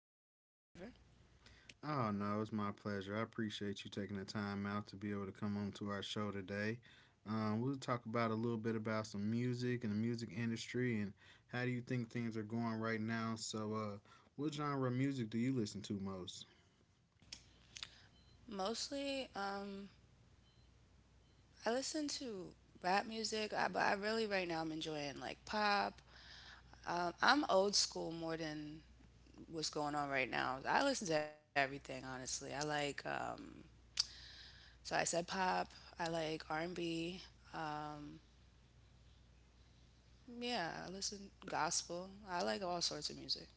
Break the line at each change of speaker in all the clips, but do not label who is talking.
talk about whatever.
Oh, no, it's my pleasure. I appreciate you taking the time out to be able to come on to our show today. We'll talk about a little bit about some music and the music industry and how do you think things are going right now. So, what genre of music do you listen to most?
Mostly, I listen to rap music, but I really right now I'm enjoying like pop. I'm old school more than what's going on right now. I listen to everything, honestly. I like, so I said pop. I like R&B. Um, yeah, I listen gospel. I like all sorts of music.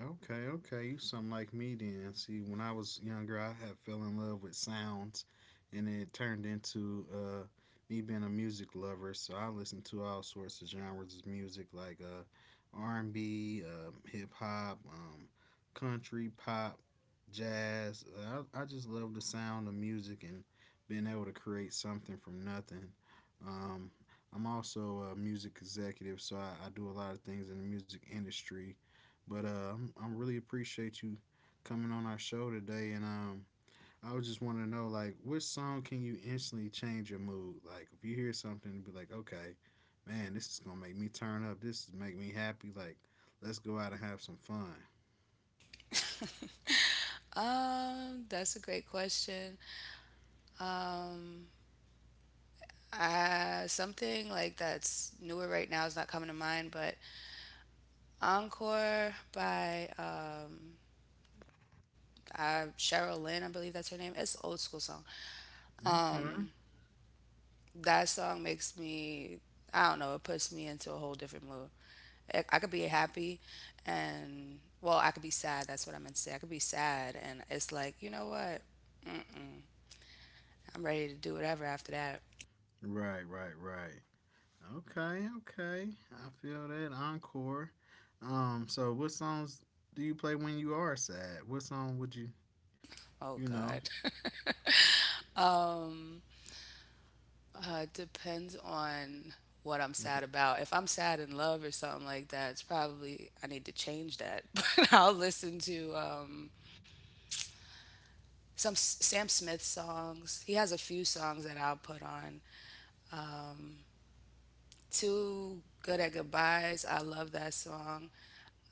Okay, okay. You something like me then. See, when I was younger, I had fell in love with sounds, and it turned into me being a music lover. So I listened to all sorts of genres of music, like R and B, hip hop, country, pop, jazz. I just love the sound of music and being able to create something from nothing. Um, I'm also a music executive, so I do a lot of things in the music industry, but I'm really appreciate you coming on our show today, and I would just want to know like which song can you instantly change your mood? Like if you hear something, be like, okay, man, this is gonna make me turn up. This is make me happy. Like let's go out and have some fun.
That's a great question. Um, Something like that's newer right now is not coming to mind, but Encore by Cheryl Lynn, I believe that's her name. It's an old school song. Um,
Okay.
that song makes me, I don't know, it puts me into a whole different mood. I could be happy and, well, I could be sad. That's what I meant to say. I could be sad, and it's like, you know what? Mm. I'm ready to do whatever after that.
Right, right, right. Okay, okay. I feel that encore. So what songs do you play when you are sad? What song would you, you
Oh
know,
God. Um, Depends on what I'm
like a
sad about. If I'm sad in love or something like that, it's probably I need to change that. But I'll listen to some Sam Smith songs. He has a few songs that I'll put on. Um, Two Good at Goodbyes. I love that song.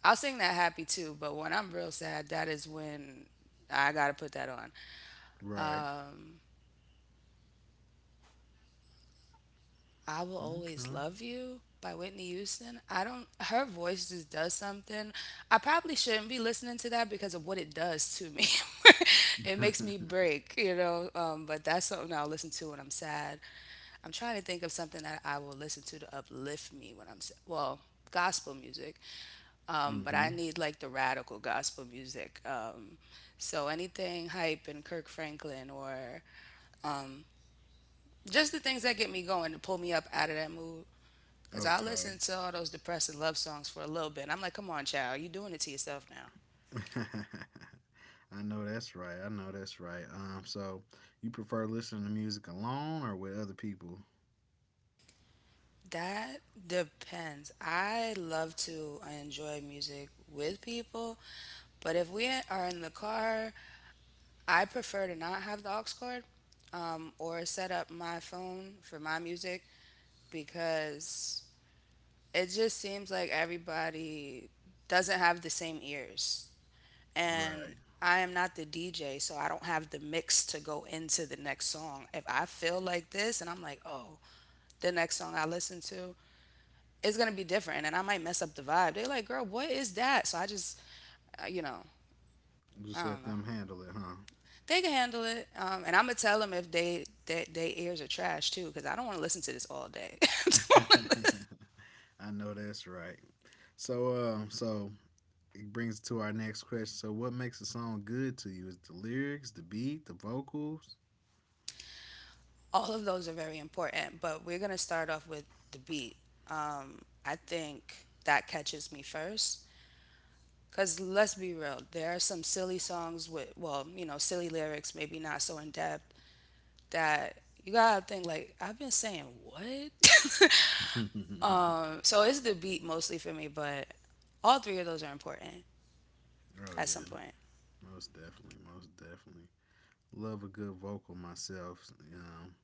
I'll sing that happy too, but when I'm real sad, that is when I gotta put that on.
right?
I Will Always
Okay.
Love You by Whitney Houston. I don't her voice just does something. I probably shouldn't be listening to that because of what it does to me. It makes me break, you know. But that's something I'll listen to when I'm sad. I'm trying to think of something that I will listen to uplift me when I'm sad. Well, gospel music. But
Mm-hmm.
I need like the radical gospel music. So anything hype and Kirk Franklin or um, just the things that get me going to pull me up out of that mood. Because I
Okay.
listened to all those depressing love songs for a little bit. And I'm like, come on, child, you're doing it to yourself now.
I know that's right. I know that's right. So you prefer listening to music alone or with other people?
That depends. I love to enjoy music with people, but if we are in the car, I prefer to not have the aux cord or set up my phone for my music because it just seems like everybody doesn't have the same ears.
Right.
And I am not the DJ, so I don't have the mix to go into the next song. If I feel like this and I'm like, oh, the next song I listen to is gonna be different, and I might mess up the vibe. They're like, girl, what is that? So I just, you know,
Just
I don't
let
know.
them handle it,
They can handle it, and I'm gonna tell them if they ears are trash too, because I don't want to listen to this all day. I don't
huh?
wanna listen.
I know that's right. So, it brings us to our next question. So, what makes a song good to you? Is it the lyrics, the beat, the vocals?
All of those are very important, but we're gonna start off with the beat. I think that catches me first. Because let's be real, there are some silly songs with, well, you know, silly lyrics, maybe not so in depth, that you gotta think, like, I've been saying what?
Oh yeah,
So it's the beat mostly for me, but all three of those are important at some point.
most definitely, most definitely. Love a good vocal myself. Um,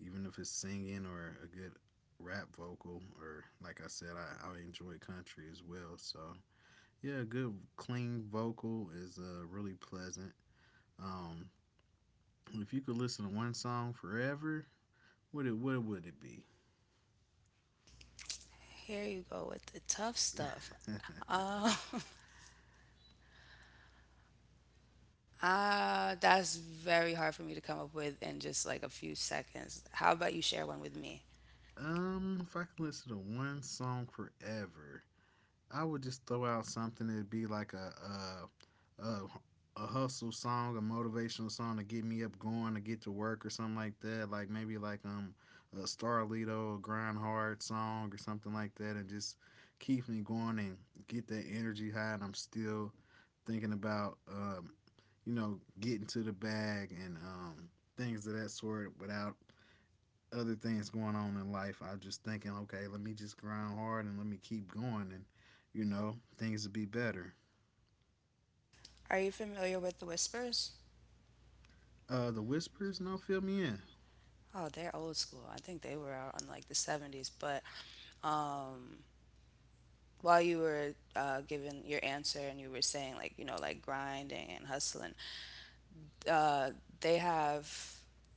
even if it's singing or a good rap vocal or like I said, I enjoy country as well. So yeah, a good clean vocal is really pleasant. Um, if you could listen to one song forever, what would it be?
Here you go with the tough stuff. Um, that's very hard for me to come up with in just like a few seconds. How about you share one with me?
If I could listen to one song forever, I would just throw out something that'd be like a a, a a hustle song, a motivational song to get me up going to get to work or something like that. Like maybe like a Starlito grind hard song or something like that, and just keep me going and get that energy high. And I'm still thinking about getting to the bag, and things of that sort without other things going on in life. I was just thinking, okay, let me just grind hard and let me keep going, and things will be better.
Are you familiar with the Whispers?
The whispers, no, fill me in.
Oh, they're old school. I think they were out in like the 70s. But um, while you were giving your answer and you were saying like, you know, like grinding and hustling, uh, they have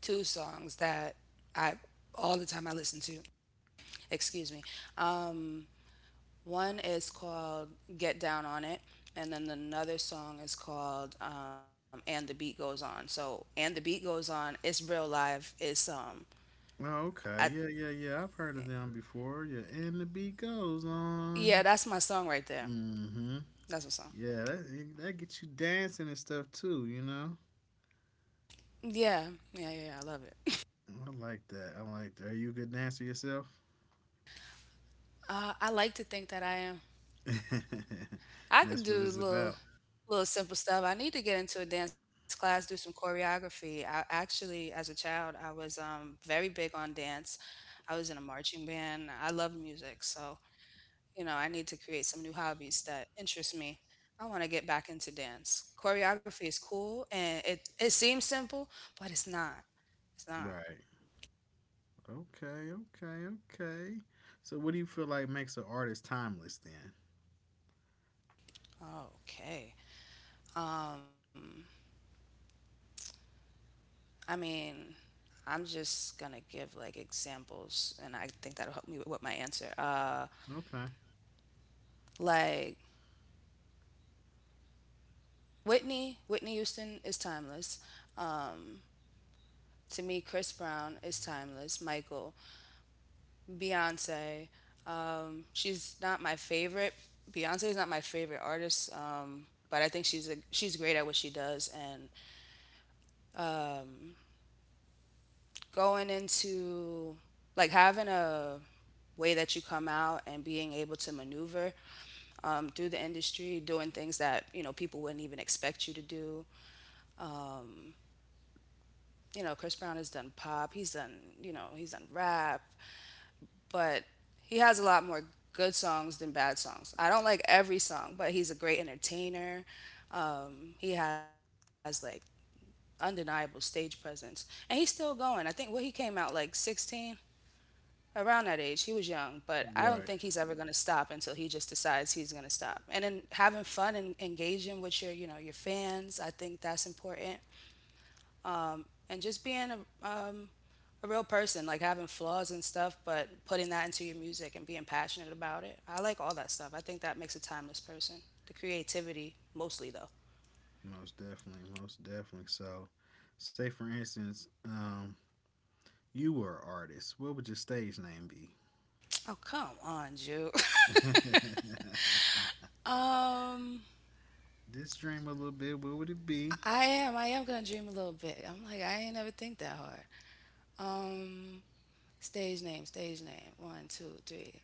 two songs that I all the time I listen to. Excuse me. Um, One is called Get Down on It. And then another song is called "And the Beat Goes On." So "And the Beat Goes On," it's real live. It's
Oh,
I,
okay, yeah, yeah, yeah. I've heard of them before. Yeah, and the beat goes
yeah,
on.
that's my song right there.
Mm-hmm.
That's my song.
Yeah, that that gets you dancing and stuff too.
Yeah. Yeah, yeah, yeah. I love it.
I like that. I like that. Are you a good dancer yourself?
I like to think that I am.
And
I could
that's
do
what it's
little
about.
little simple stuff. I need to get into a dance class, do some choreography. I actually as a child, I was very big on dance. I was in a marching band. I love music, so you know, I need to create some new hobbies that interest me. I want to get back into dance. Choreography is cool and it seems simple, but it's not. It's not.
Right. Okay, okay, okay. So, what do you feel like makes an artist timeless then?
Okay. Um, I mean, I'm just gonna give like examples, and I think that'll help me with my answer.
Okay.
Like Whitney Houston is timeless. Um, to me, Chris Brown is timeless. Michael, Beyonce, she's not my favorite. Beyonce's not my favorite artist, but I think she's great at what she does. And um, going into like having a way that you come out and being able to maneuver through the industry, doing things that you know people wouldn't even expect you to do. You know, Chris Brown has done pop, he's done you know he's done rap, but he has a lot more good songs than bad songs. I don't like every song, but he's a great entertainer. He has like undeniable stage presence, and he's still going. I think what he came out like 16, around that age. He was young, but I don't think he's
Right.
ever going to stop until he just decides he's going to stop. And then having fun and engaging with your, you know, your fans, I think that's important. Um, and just being um, a real person, like having flaws and stuff, but putting that into your music and being passionate about it. I like all that stuff. I think that makes a timeless person. The creativity, mostly though.
Most definitely. Most definitely. So, say for instance, you were an artist. What would your stage name be?
Oh come on, Jew. Um,
Just dream a little bit. What would it be?
I am. I am gonna dream a little bit. I'm like I ain't never think that hard. Um, Stage name, stage name. One, two, three.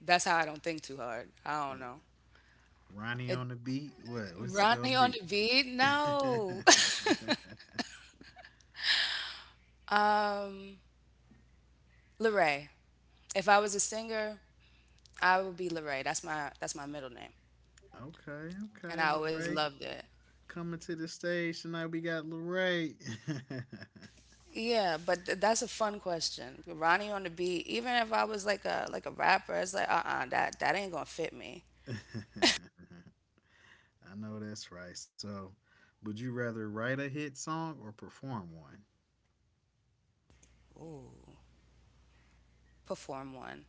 That's how I don't think too hard. I don't know.
Ronnie
It
on the beat. What? What's it gonna
Ronnie on
be?
the beat?
Okay.
No. Um, Leray. If I was a singer, I would be Leray. That's my middle name,
Okay.
and I
Lil
always
Ray
loved it.
coming to the stage tonight. We got Lil Ray.
Yeah, but that's a fun question. Ronnie on the beat. Even if I was like a rapper, it's like that ain't gonna fit me.
I know that's right. So, would you rather write a hit song or perform one?
Ooh, perform one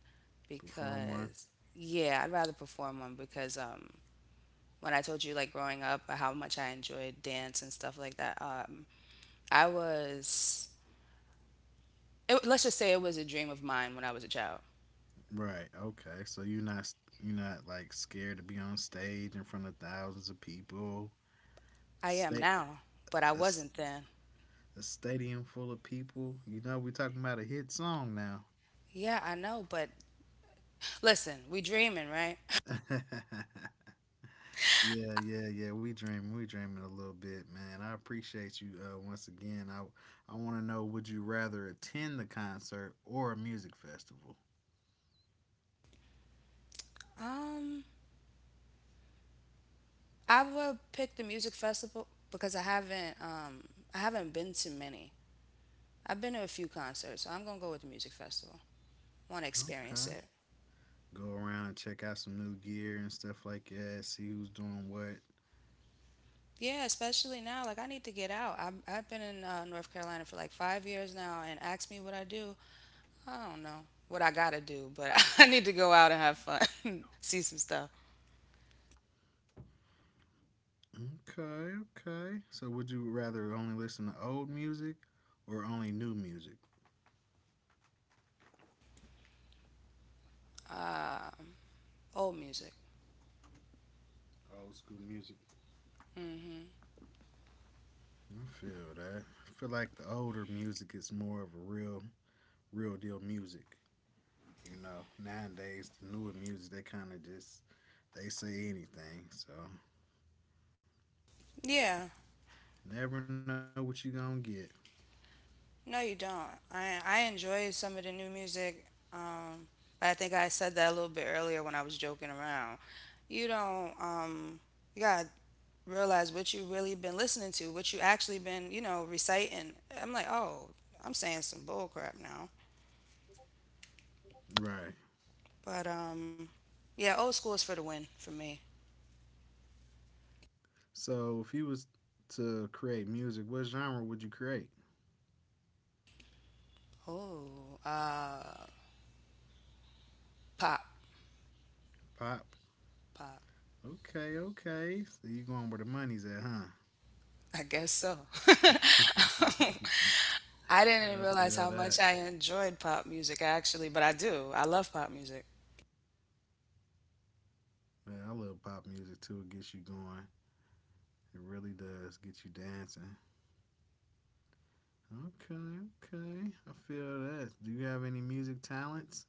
Perform one.
because yeah, I'd rather perform one because when I told you like growing up how much I enjoyed dance and stuff like that, I was it, let's just say it was a dream of mine when I was a child.
Right. Okay. So you're not like scared to be on stage in front of thousands of people.
I am
State
now, but I
a, s-
wasn't then.
a stadium full of people. You know we talking about a hit song now.
Yeah, I know, but listen, we dreaming, right?
Yeah, yeah, yeah. We dreaming. We dreaming a little bit, man. I appreciate you once again. I want to know, would you rather attend the concert or a music festival?
Um, I would pick the music festival because I haven't been to many. I've been to a few concerts, so I'm gonna go with the music festival. Want to experience
Okay.
it.
Go around and check out some new gear and stuff like that, see who's doing what.
Yeah, especially now. Like I need to get out. I've been in North Carolina for like 5 years now, and ask me what I do. I don't know what I gotta do, but
Oh.
I need to go out and have fun, see some stuff.
Okay, okay. So would you rather only listen to old music or only new music?
Um, Old music.
Old school music.
Hmm.
I feel that. I feel like the older music is more of a real, real deal music. You know, nowadays the newer music they kind of just they say anything, so
Yeah.
never know what you gonna get.
No, you don't. I enjoy some of the new music. Um, but I think I said that a little bit earlier when I was joking around. You don't. You gotta realize what you really been listening to, what you actually been, you know, reciting. I'm like, oh, I'm saying some bull crap now.
Right.
But yeah, old school is for the win for me.
So if you was to create music, what genre would you create?
Oh, uh, pop,
Pop.
pop.
Okay, okay. So you going where the money's at, huh?
I guess so. I didn't
I
realize
feel
how much
that.
I enjoyed pop music actually, but I do. I love pop music.
Man, I love pop music too. It gets you going. It really does get you dancing. Okay, okay. I feel that. Do you have any music talents?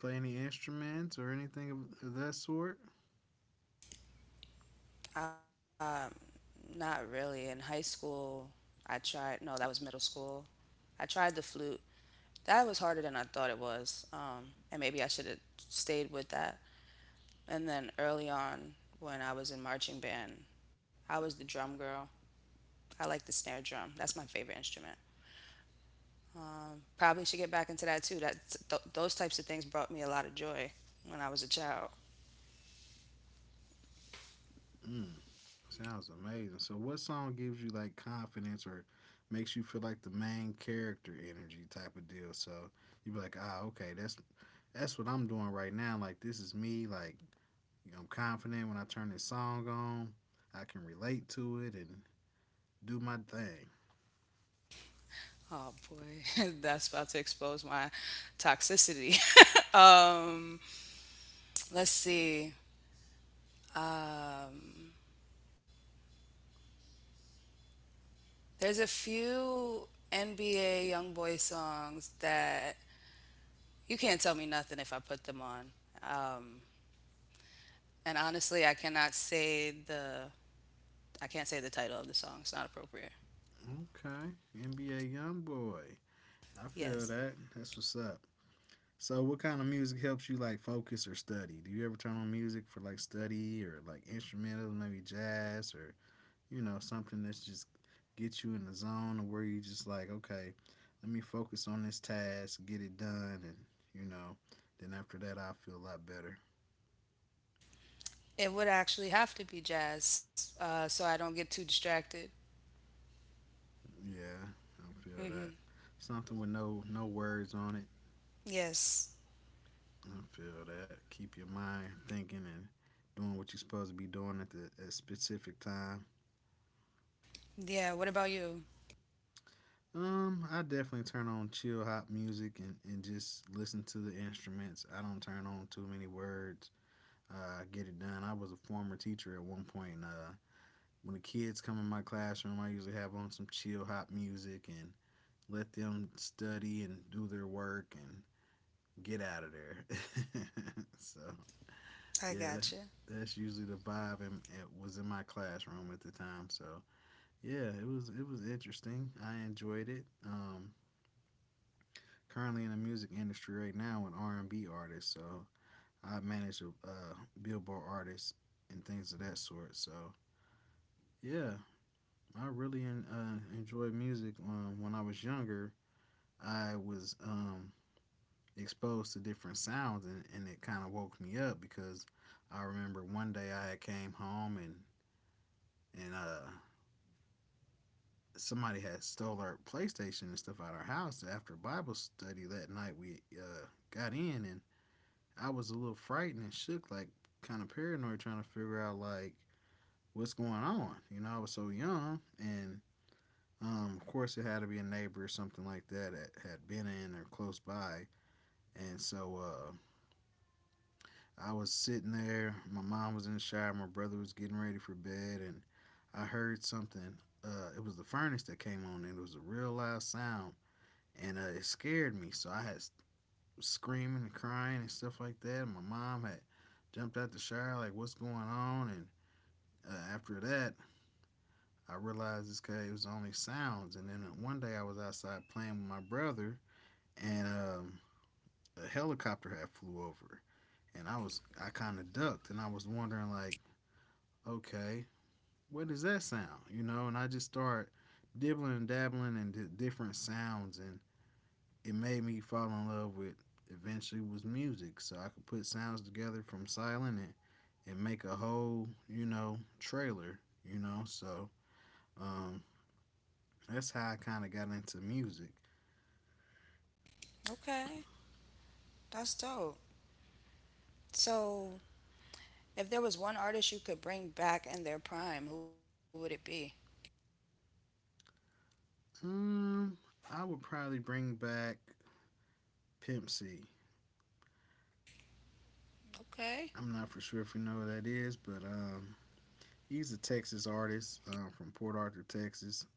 Play any instruments or anything of that sort?
Um, Not really. In high school, I tried, no, that was middle school. I tried the flute. That was harder than I thought it was. And maybe I should have stayed with that. And then early on, when I was in marching band, I was the drum girl. I like the snare drum. That's my favorite instrument. Probably should get back into that too. Those types of things brought me a lot of joy when I was a child.
Mm, sounds amazing. So, what song gives you like confidence or makes you feel like the main character energy type of deal? So you be like, ah, okay, that's what I'm doing right now. Like this is me. Like I'm confident when I turn this song on. I can relate to it and do my thing.
Oh boy, that's about to expose my toxicity. um, let's see. Um, there's a few NBA YoungBoy songs that you can't tell me nothing if I put them on. Um, and honestly, I can't say the title of the song. It's not appropriate.
Okay, NBA YoungBoy. I feel
Yes,
that. That's what's up. So, what kind of music helps you like focus or study? Do you ever turn on music for like study or like instrumental, maybe jazz or something that's just gets you in the zone of where you just like okay, let me focus on this task, get it done, and you know, then after that I feel a lot better.
it would actually have to be jazz, so I don't get too distracted.
Yeah, I feel
Hmm.
that. Something with no words on it.
Yes.
I feel that. Keep your mind thinking and doing what you're supposed to be doing at specific time.
Yeah. What about you?
I definitely turn on chill hop music and, just listen to the instruments. I don't turn on too many words. I get it done. I was a former teacher at one point. And, when the kids come in my classroom, I usually have on some chill hop music and let them study and do their work and get out of there. So
I
yeah, that,
gotcha.
that's usually the vibe, and it was in my classroom at the time. So yeah, it was interesting. I enjoyed it. Currently in the music industry right now, an R and B artist. So I manage a Billboard artist and things of that sort. So yeah, I really enjoyed music. When I was younger, I was exposed to different sounds, and it kind of woke me up, because I remember one day I had came home, and and somebody had stole our PlayStation and stuff out of our house after Bible study. That night we got in, and I was a little frightened and shook, like kind of paranoid, trying to figure out like what's going on. I was so young, and of course it had to be a neighbor or something like that, that had been in or close by. And so I was sitting there. My mom was in the shower. My brother was getting ready for bed, and I heard something. It was the furnace that came on, and it was a real loud sound, and it scared me. So I had screaming and crying and stuff like that. And my mom had jumped out the shower, like, "What's going on?" And after that, I realized this guy it was only sounds. And then one day I was outside playing with my brother, and a helicopter had flew over, and I kind of ducked, and I was wondering like okay, what does that sound? And I just start dibbling and dabbling in different sounds, and it made me fall in love with eventually was music. So I could put sounds together from silent, and make a whole, trailer, So um, that's how I kind of got into music.
Okay, that's dope. So, if there was one artist you could bring back in their prime, who would it be?
Um, I would probably bring back Pimp C.
Okay.
I'm not for sure if you know who that is, but he's a Texas artist from Port Arthur, Texas.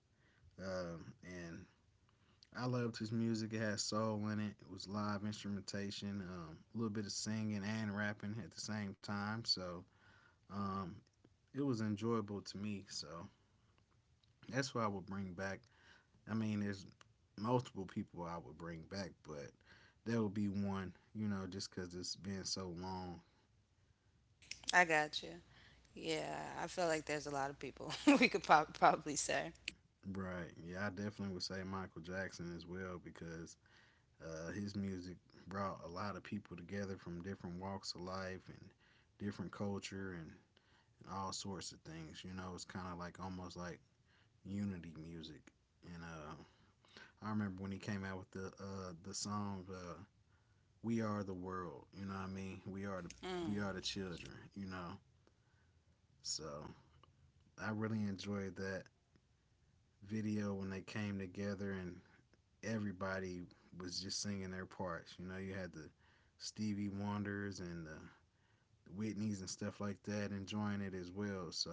And I loved his music. It had soul in it. It was live instrumentation, a little bit of singing and rapping at the same time. So um, it was enjoyable to me. So that's what I would bring back. I mean, there's multiple people I would bring back, but that would be one, you know, just because it's been so long.
I got you. Yeah, I feel like there's a lot of people we could probably say.
Right. Yeah, I definitely would say Michael Jackson as well because his music brought a lot of people together from different walks of life and different culture and all sorts of things. You know, it's kind of like almost like unity music. And I remember when he came out with the song "We Are the World." You know what I mean? We are the we
Mm.
are the children. You know, so I really enjoyed that video when they came together and everybody was just singing their parts. You know, you had the Stevie Wonders and the Whitney's and stuff like that, enjoying it as well. So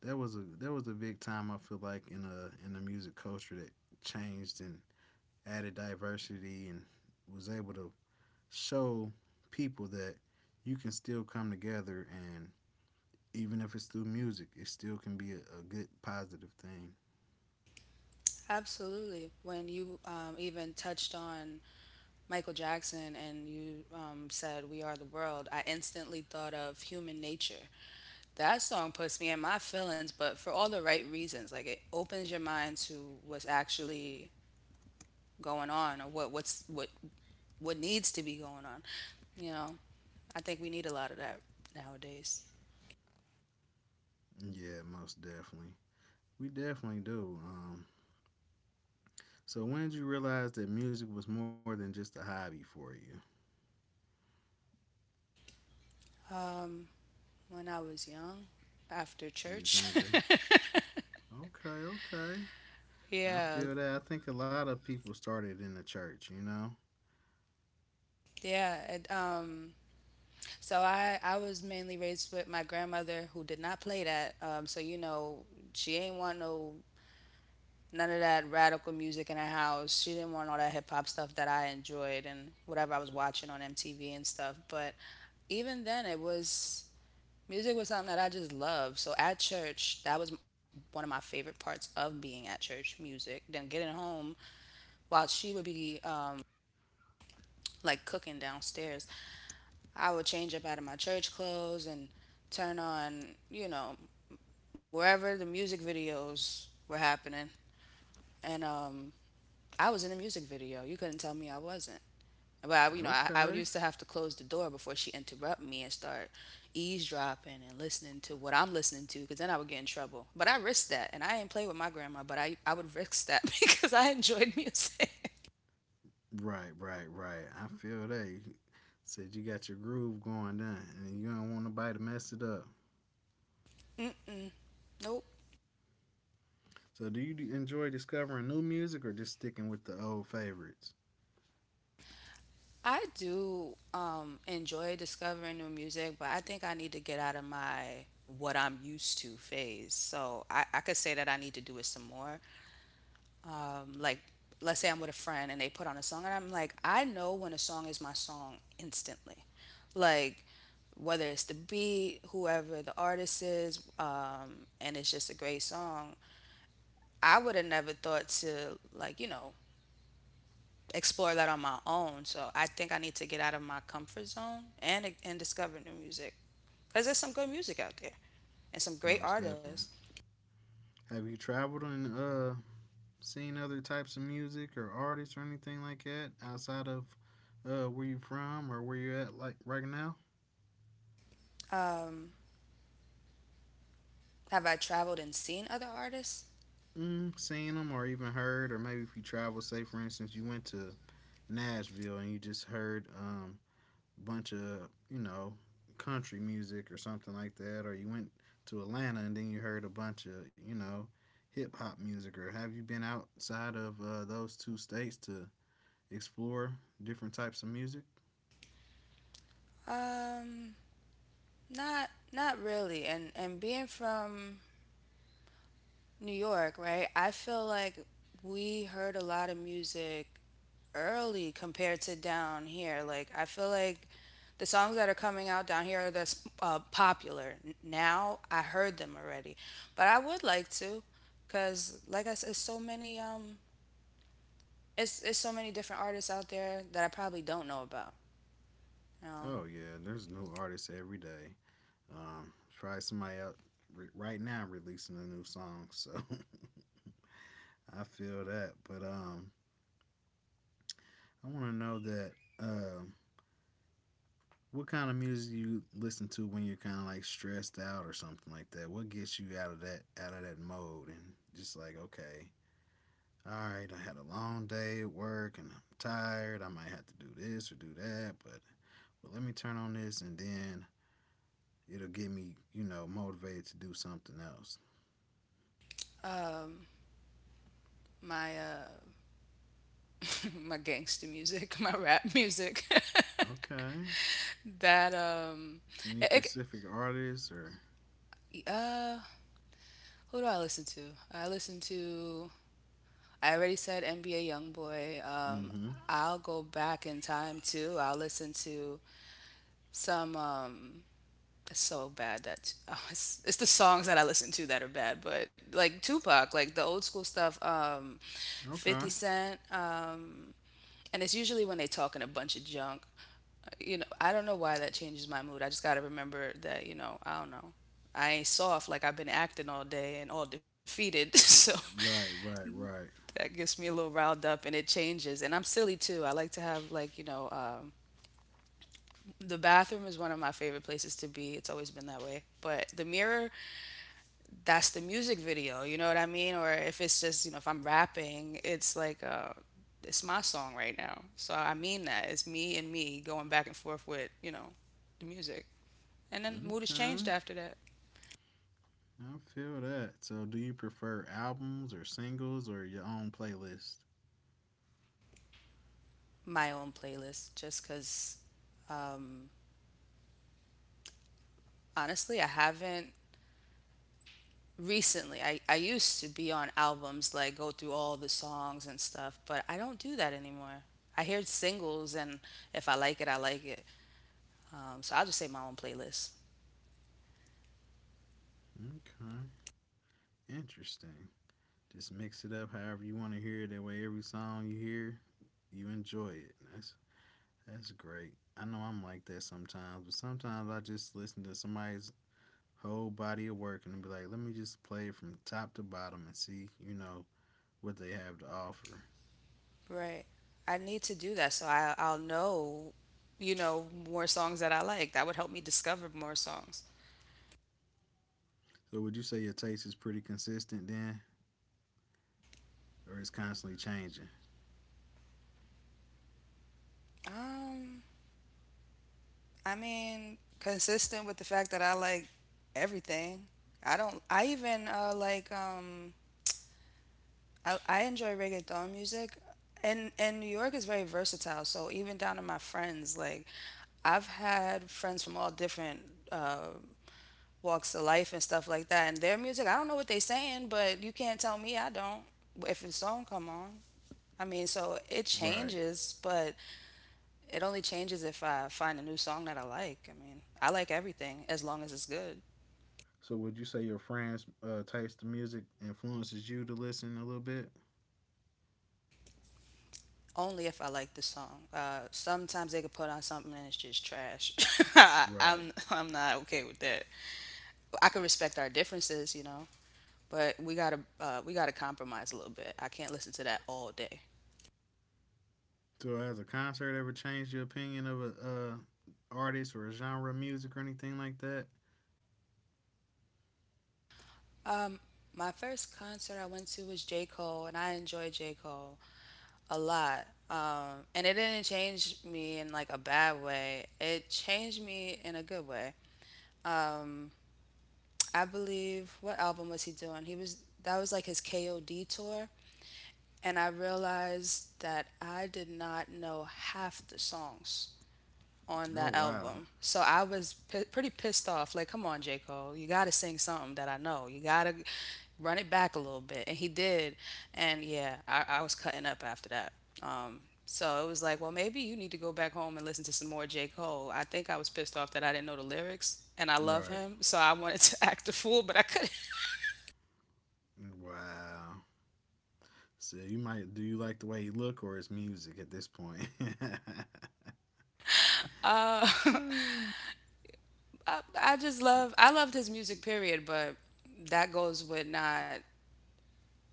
that was a big time I feel like in a in the music culture that changed and added diversity and was able to show people that you can still come together and even if it's through music, it still can be a good positive thing.
Absolutely. When you even touched on Michael Jackson and you said, "We Are the World," I instantly thought of Human Nature. That song puts me in my feelings, but for all the right reasons. Like it opens your mind to what's actually going on or what needs to be going on. You know, I think we need a lot of that nowadays.
Yeah, most definitely. We definitely do. So when did you realize that music was more than just a hobby for you?
Um, when I was young after
You was
church.
younger. Okay, okay. I
Yeah.
feel that. I think a lot of people started in the church, you know?
Yeah, and so I was mainly raised with my grandmother who did not play that. So you know she ain't want no none of that radical music in her house. She didn't want all that hip hop stuff that I enjoyed and whatever I was watching on MTV and stuff. But even then, it was music was something that I just loved. So at church, that was one of my favorite parts of being at church. Music. Then getting home while she would be like cooking downstairs. I would change up out of my church clothes and turn on, you know, wherever the music videos were happening. And I was in a music video. You couldn't tell me I wasn't. But I, you know, I would used
Okay.
to have to close the door before she interrupted me and start eavesdropping and listening to what I'm listening to, because then I would get in trouble. But I risked that, and I ain't play with my grandma, but I would risk that because I enjoyed music.
Right, right, right. I feel that. You said you got your groove going down and you don't want nobody to mess it up.
Mm-mm. Nope.
So, do you enjoy discovering new music or just sticking with the old favorites?
I do enjoy discovering new music, but I think I need to get out of my what I'm used to phase. So I could say that I need to do it some more. Um, like, let's say I'm with a friend and they put on a song, and I'm like, I know when a song is my song instantly. Like, whether it's the beat, whoever the artist is, and it's just a great song. I would have never thought to like explore that on my own. So I think I need to get out of my comfort zone and discover new music because there's some good music out there and some great
Most
artists.
definitely. Have you traveled and seen other types of music or artists or anything like that outside of where you from or where you are at like right now?
Um, have I traveled and seen other artists?
Mm, seen them or even heard or maybe if you travel, say for instance you went to Nashville and you just heard a bunch of, you know, country music or something like that, or you went to Atlanta and then you heard a bunch of, you know, hip hop music, or have you been outside of those two states to explore different types of music?
Um, not really. And being from New York, right? I feel like we heard a lot of music early compared to down here. Like I feel like the songs that are coming out down here that's popular now, I heard them already. But I would like to, cause like I said, it's so many it's so many different artists out there that I probably don't know about. You know,
Oh, yeah, there's new artists every day. Probably somebody out right now releasing a new song, so I feel that. But I want to know that. Uh, What kind of music do you listen to when you're kind of like stressed out or something like that? What gets you out of that mode and just like okay, all right, I had a long day at work and I'm tired. I might have to do this or do that, but well, let me turn on this and then it'll get me, you know, motivated to do something else.
um, my my gangster music, my rap music.
Okay.
that um,
Any
it,
specific artists or?
it, uh, Who do I listen to? I listen to. I already said NBA YoungBoy.
Mm-hmm.
I'll go back in time too. I'll listen to some. It's so bad that it's the songs that I listen to that are bad. But like Tupac, like the old school stuff. Fifty
Okay.
Cent. And it's usually when they talking a bunch of junk. You know, I don't know why that changes my mood. I just gotta remember that. You know, I don't know. I ain't soft like I've been acting all day and all defeated. So
Right, right, right.
that gets me a little riled up and it changes. And I'm silly too. I like to have, like, you know, the bathroom is one of my favorite places to be. It's always been that way. But the mirror, that's the music video. You know what I mean? Or if it's just, you know, if I'm rapping, it's like, it's my song right now. So I mean that. It's me and me going back and forth with, you know, the music. And then mood has
Okay.
changed after that.
I feel that. So, do you prefer albums or singles or your own playlist?
My own playlist, just because um, honestly, I haven't recently I used to be on albums like go through all the songs and stuff but I don't do that anymore. I hear singles and if I like it I like it. So I'll just say my own playlist.
Okay, interesting. Just mix it up however you want to hear it. That way, every song you hear, you enjoy it. That's great. I know I'm like that sometimes, but sometimes I just listen to somebody's whole body of work and be like, let me just play it from top to bottom and see, you know, what they have to offer.
Right, I need to do that so I'll know, you know, more songs that I like that would help me discover more songs.
So, would you say your taste is pretty consistent then, or it's constantly changing?
um I mean consistent with the fact that I like everything. I don't I even like I enjoy reggaeton music, and New York is very versatile. So even down to my friends, like I've had friends from all different uh, walks of life and stuff like that. And their music, I don't know what they saying, but you can't tell me I don't. If the song come on, I mean, so it
Right.
changes, but it only changes if I find a new song that I like. I mean, I like everything as long as it's good.
So would you say your friends' taste in music influences you to listen a little bit?
Only if I like the song. Sometimes they could put on something and it's just trash.
Right.
I'm not okay with that. I can respect our differences, you know, but we gotta compromise a little bit. I can't listen to that all day.
So has a concert ever changed your opinion of a artist or a genre of music or anything like that?
Um, my first concert I went to was J Cole, and I enjoyed J Cole a lot. And it didn't change me in like a bad way. It changed me in a good way. Um, I believe what album was he doing? He was that was like his KOD tour. And I realized that I did not know half the songs on
Oh
that
wow.
album. So I was pretty pissed off. Like, come on, J. Cole, you got to sing something that I know. You got to run it back a little bit. And he did. And yeah, I was cutting up after that. Um, so it was like, well, maybe you need to go back home and listen to some more J. Cole. I think I was pissed off that I didn't know the lyrics, and I love
Right.
him, so I wanted to act a fool, but I couldn't.
Wow. So you might do you like the way he look or his music at this point?
Uh, I just love I loved his music period, but that goes with not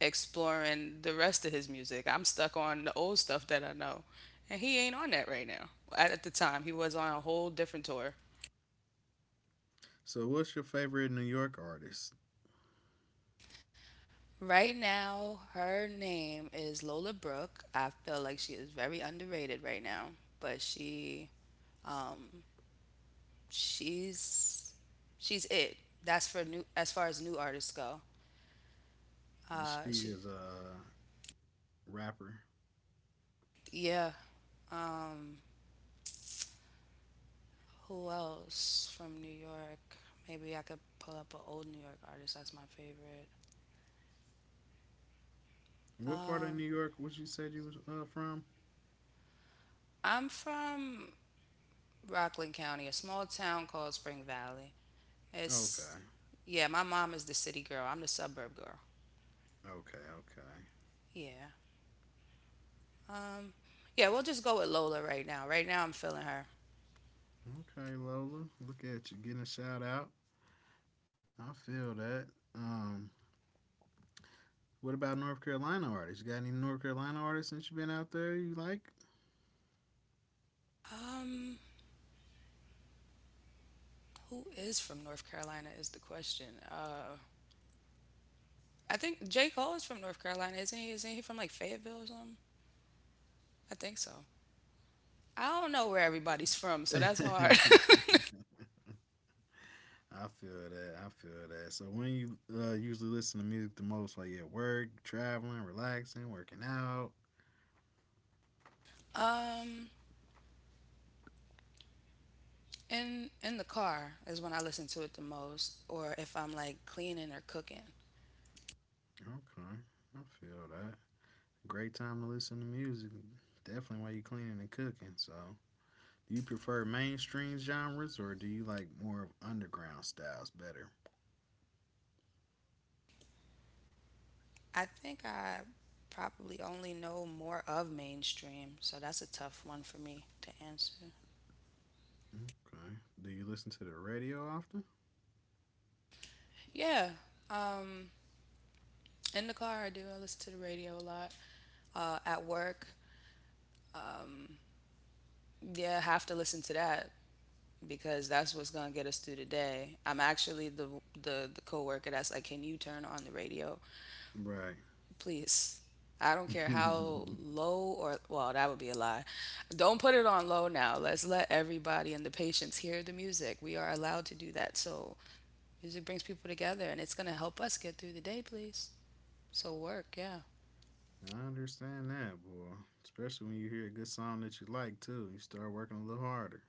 exploring the rest of his music. I'm stuck on the old stuff that I know, and he ain't on that right now. At the time, he was on a whole different tour.
So what's your favorite New York artist?
Right now, her name is Lola Brooke. I feel like she is very underrated right now, but um she's she's it. That's for new as far as new artists go.
And she
She
is a rapper.
Yeah. Um, Who else from New York? Maybe I could pull up an old New York artist. That's my favorite.
What part of
Um,
New York was you said you was from?
I'm from Rockland County, a small town called Spring Valley. It's
Okay.
yeah, my mom is the city girl. I'm the suburb girl.
Okay, okay.
Yeah. Um, yeah, we'll just go with Lola right now. Right now, I'm feeling her.
Okay, Lola. Look at you getting a shout out. I feel that. Um, what about North Carolina artists? You got any North Carolina artists since you've been out there you like?
Um, who is from North Carolina is the question. I think J Cole is from North Carolina, isn't he? Isn't he from like Fayetteville or something? I think so. I don't know where everybody's from, so that's hard.
I feel that. I feel that. So when you usually listen to music the most, while you're at work, traveling, relaxing, working out.
um, in the car is when I listen to it the most, or if I'm like cleaning or cooking.
Okay, I feel that. Great time to listen to music. Definitely while you're cleaning and cooking. So, do you prefer mainstream genres or do you like more of underground styles better?
I think I probably only know more of mainstream, so that's a tough one for me to answer.
Okay. Do you listen to the radio often?
Yeah, um, in the car I do. I listen to the radio a lot. At work, yeah, I have to listen to that because that's what's gonna get us through the day. I'm actually the coworker that's like, can you turn on the radio?
Right.
Please. I don't care how low or well, that would be a lie. Don't put it on low now. Let's let everybody and the patients hear the music. We are allowed to do that. So music brings people together and it's gonna help us get through the day, please. So work, yeah.
I understand that, boy. Especially when you hear a good song that you like too. You start working a little harder.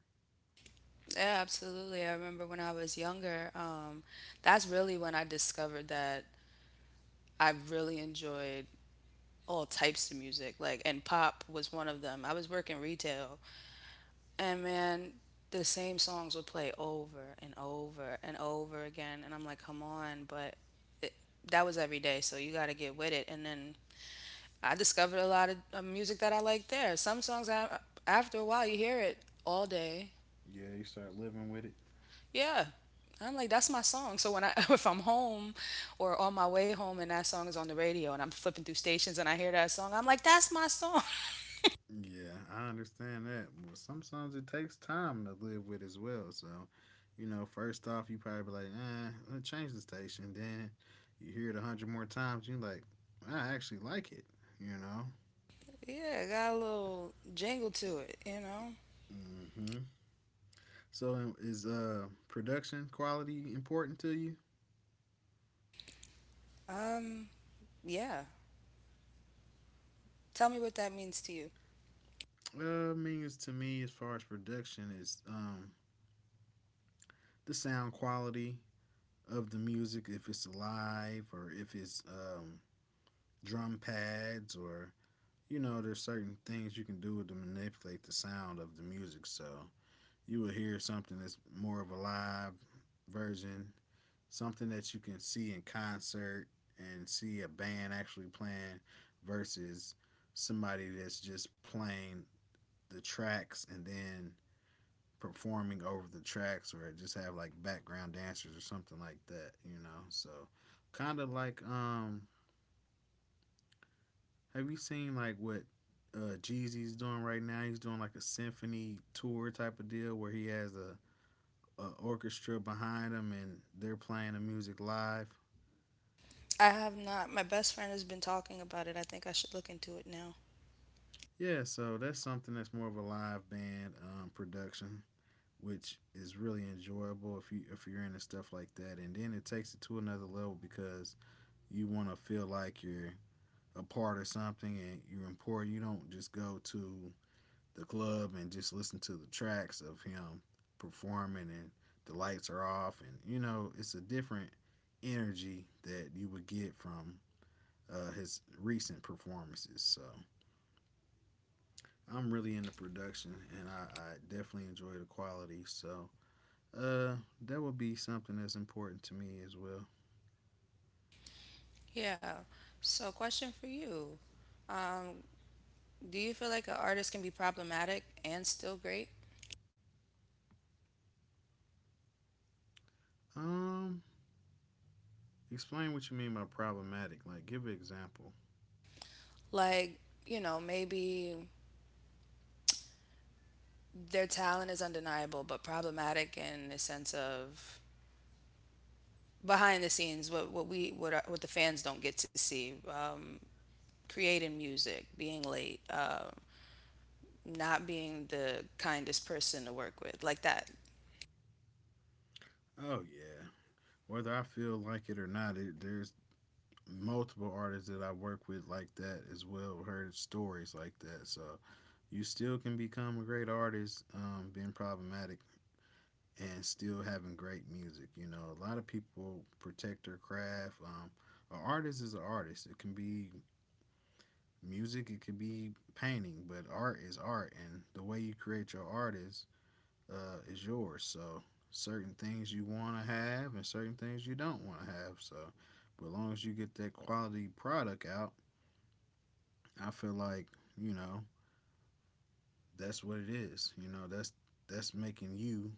Yeah, absolutely. I remember when I was younger, that's really when I discovered that I really enjoyed all types of music. Like and pop was one of them. I was working retail. And man, the same songs would play over and over and over again. And I'm like, come on. But it, that was every day. So you got to get with it. And then I discovered a lot of music that I like there. Some songs, after a while, you hear it all day.
Yeah, you start living with it.
Yeah. I'm like, that's my song. So when if I'm home or on my way home and that song is on the radio and I'm flipping through stations and I hear that song, I'm like, that's my song.
Yeah, I understand that. Well, sometimes it takes time to live with as well. So, you know, first off, you probably be like, eh, let me change the station. Then you hear it a hundred more times, you like, I actually like it. You know.
Yeah. It got a little jingle to it, you know?
Mm-hmm. So is production quality important to you?
Um, yeah. Tell me what that means to you.
I mean, it's to me as far as production is the sound quality of the music if it's live or if it's drum pads or you know there's certain things you can do to manipulate the sound of the music so you will hear something that's more of a live version, something that you can see in concert and see a band actually playing versus somebody that's just playing the tracks and then performing over the tracks or just have like background dancers or something like that, you know. So kind of like have you seen like what Jeezy's doing right now? He's doing like a symphony tour type of deal where he has a orchestra behind him and they're playing the music live.
I have not, my best friend has been talking about it. I think I should look into it now.
Yeah, so that's something that's more of a live band production, which is really enjoyable if you if you're into stuff like that. And then it takes it to another level because you want to feel like you're a part of something and you're important. You don't just go to the club and just listen to the tracks of him performing and the lights are off and you know it's a different energy that you would get from his recent performances. So I'm really into production and I definitely enjoy the quality. So uh, that would be something that's important to me as well.
Yeah. So, question for you. Um, do you feel like an artist can be problematic and still great?
Um, explain what you mean by problematic. Like, give an example.
Like, you know, maybe their talent is undeniable, but problematic in the sense of behind the scenes, what we what our, what the fans don't get to see, creating music, being late, not being the kindest person to work with, like that.
Oh yeah, whether I feel like it or not, it, there's multiple artists that I work with like that as well. Heard stories like that, so you still can become a great artist being problematic and still having great music. You know, a lot of people protect their craft. An artist is an artist. It can be music, it can be painting, but art is art, and the way you create your art is yours. So certain things you want to have and certain things you don't want to have. So, but as long as you get that quality product out, I feel like you know that's what it is. You know, that's making you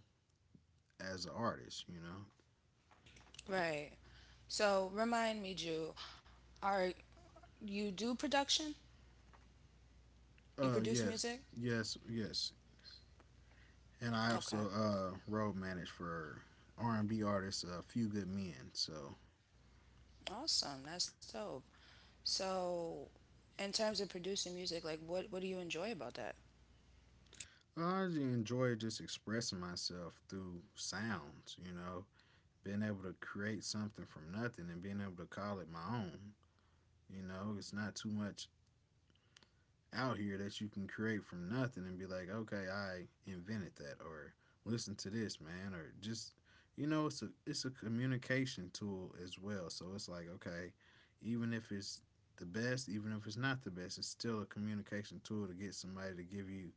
as an artist. You know.
Right. So remind me, Jew, are you do production? You produce
Yes,
music?
yes, yes. And I
Okay.
also road managed for R and B artist A Few Good Men. So
Awesome. That's dope. So in terms of producing music, like what do you enjoy about that?
I enjoy just expressing myself through sounds. You know, being able to create something from nothing and being able to call it my own. You know, it's not too much out here that you can create from nothing and be like, okay, I invented that, or listen to this, man, or just you know, it's a communication tool as well. So it's like, okay, even if it's the best, even if it's not the best, it's still a communication tool to get somebody to give you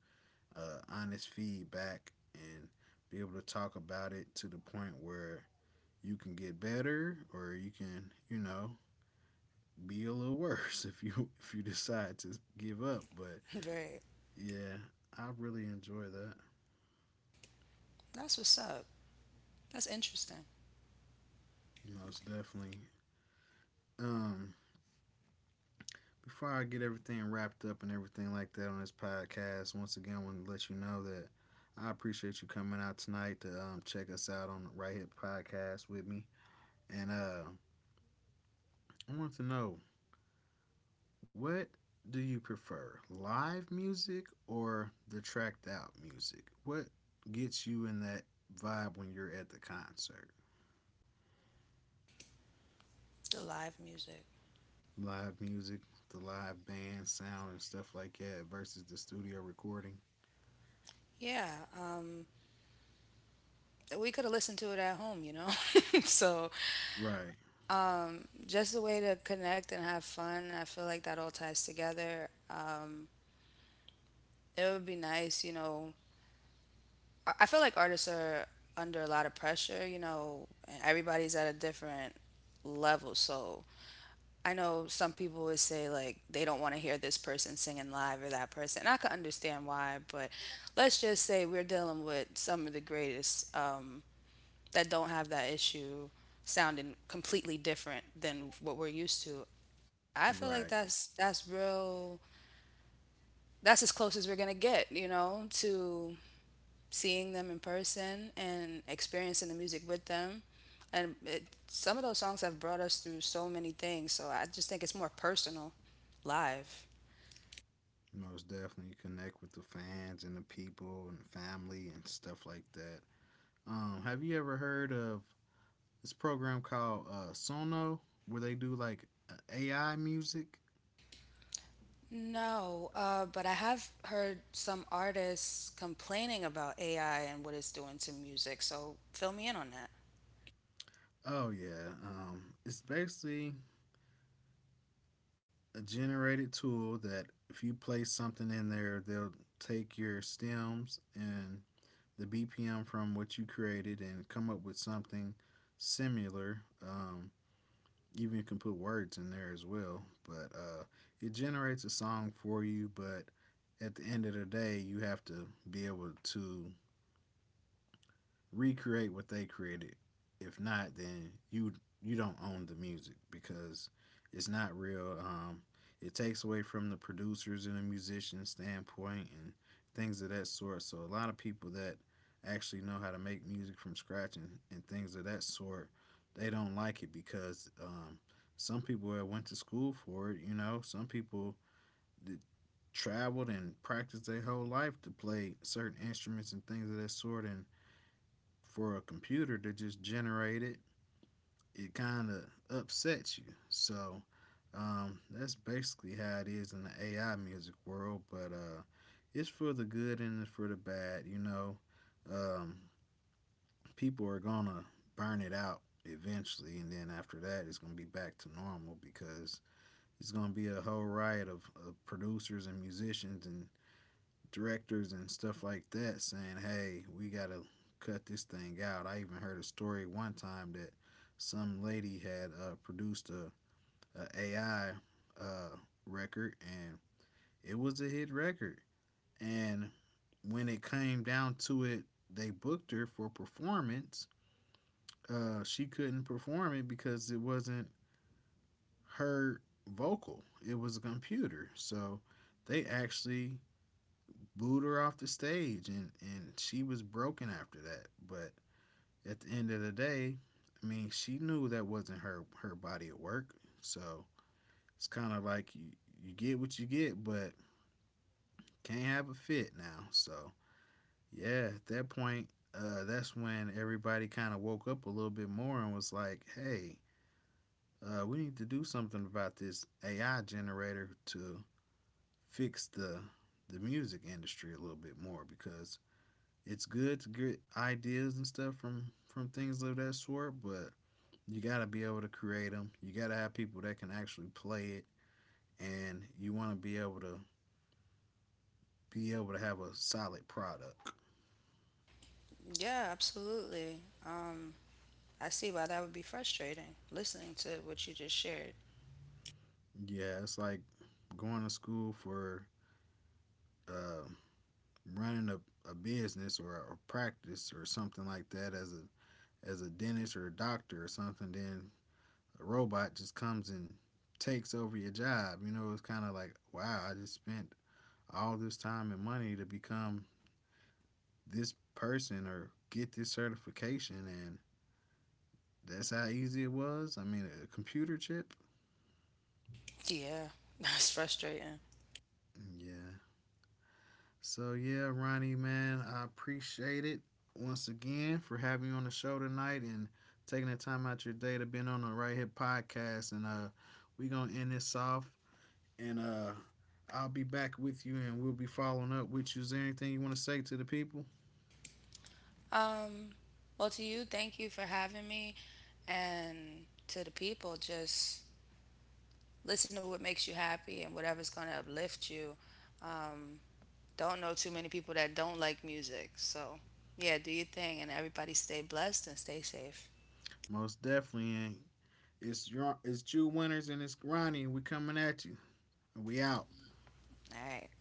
honest feedback and be able to talk about it to the point where you can get better or you can, you know, be a little worse if you decide to give up. But
Right.
yeah, I really enjoy that.
That's what's up. That's interesting.
Most definitely. Um, Before I get everything wrapped up and everything like that on this podcast, once again, I want to let you know that I appreciate you coming out tonight to check us out on the Right Hip Podcast with me. And I want to know what do you prefer, live music or the tracked out music? What gets you in that vibe when you're at the concert?
The live music.
Live music, the live band sound and stuff like that versus the studio recording.
Yeah. We could have listened to it at home, you know? So
Right,
just a way to connect and have fun. I feel like that all ties together. It would be nice, you know, I feel like artists are under a lot of pressure, you know, and everybody's at a different level. So I know some people would say like they don't want to hear this person singing live or that person. And I can understand why, but let's just say we're dealing with some of the greatest that don't have that issue sounding completely different than what we're used to. I feel like
right.
that's real. That's as close as we're gonna get, you know, to seeing them in person and experiencing the music with them. And it, some of those songs have brought us through so many things. So I just think it's more personal live.
Most definitely connect with the fans and the people and family and stuff like that. Have you ever heard of this program called Sono where they do like AI music?
No, but I have heard some artists complaining about AI and what it's doing to music. So fill me in on that.
Oh yeah, it's basically a generated tool that if you play something in there, they'll take your stems and the BPM from what you created and come up with something similar. Even you can put words in there as well, but it generates a song for you. But at the end of the day, you have to be able to recreate what they created. If not, then you don't own the music because it's not real. It takes away from the producers and the musician standpoint and things of that sort. So a lot of people that actually know how to make music from scratch and things of that sort, they don't like it because some people that went to school for it, you know, some people that traveled and practiced their whole life to play certain instruments and things of that sort, and for a computer to just generate it, it kind of upsets you. So that's basically how it is in the AI music world. But it's for the good and it's for the bad. You know, um, people are gonna burn it out eventually, and then after that, it's gonna be back to normal because it's gonna be a whole riot of producers and musicians and directors and stuff like that saying, hey, we got to cut this thing out. I even heard a story one time that some lady had produced a AI uh, record and it was a hit record. And when it came down to it, they booked her for performance. She couldn't perform it because it wasn't her vocal, it was a computer. So they actually booed her off the stage, and she was broken after that. But at the end of the day, I mean, she knew that wasn't her body of work, so it's kind of like you get what you get, but can't have a fit now. So yeah, at that point, that's when everybody kind of woke up a little bit more and was like, hey, we need to do something about this AI generator to fix the music industry a little bit more because it's good to get ideas and stuff from things of that sort, but you got to be able to create them. You got to have people that can actually play it, and you want to be able to have a solid product.
Yeah, absolutely. Um, I see why that would be frustrating listening to what you just shared.
Yeah, it's like going to school for uh, running a business or a practice or something like that as a dentist or a doctor or something. Then a robot just comes and takes over your job. You know, it's kind of like wow, I just spent all this time and money to become this person or get this certification and that's how easy it was. I mean, a computer chip.
Yeah, that's frustrating.
Yeah. So yeah, Ronnie man, I appreciate it once again for having you on the show tonight and taking the time out your day to be on the Right Hip podcast, and we going to end this off and I'll be back with you and we'll be following up with you. Is there anything you want to say to the people?
Um, well, to you, thank you for having me. And to the people, just listen to what makes you happy and whatever's going to uplift you. Um, don't know too many people that don't like music. So, yeah, do your thing. And everybody stay blessed and stay safe.
Most definitely. And it's your it's Jew Winners and it's Ronnie, and we coming at you. And we out.
All right.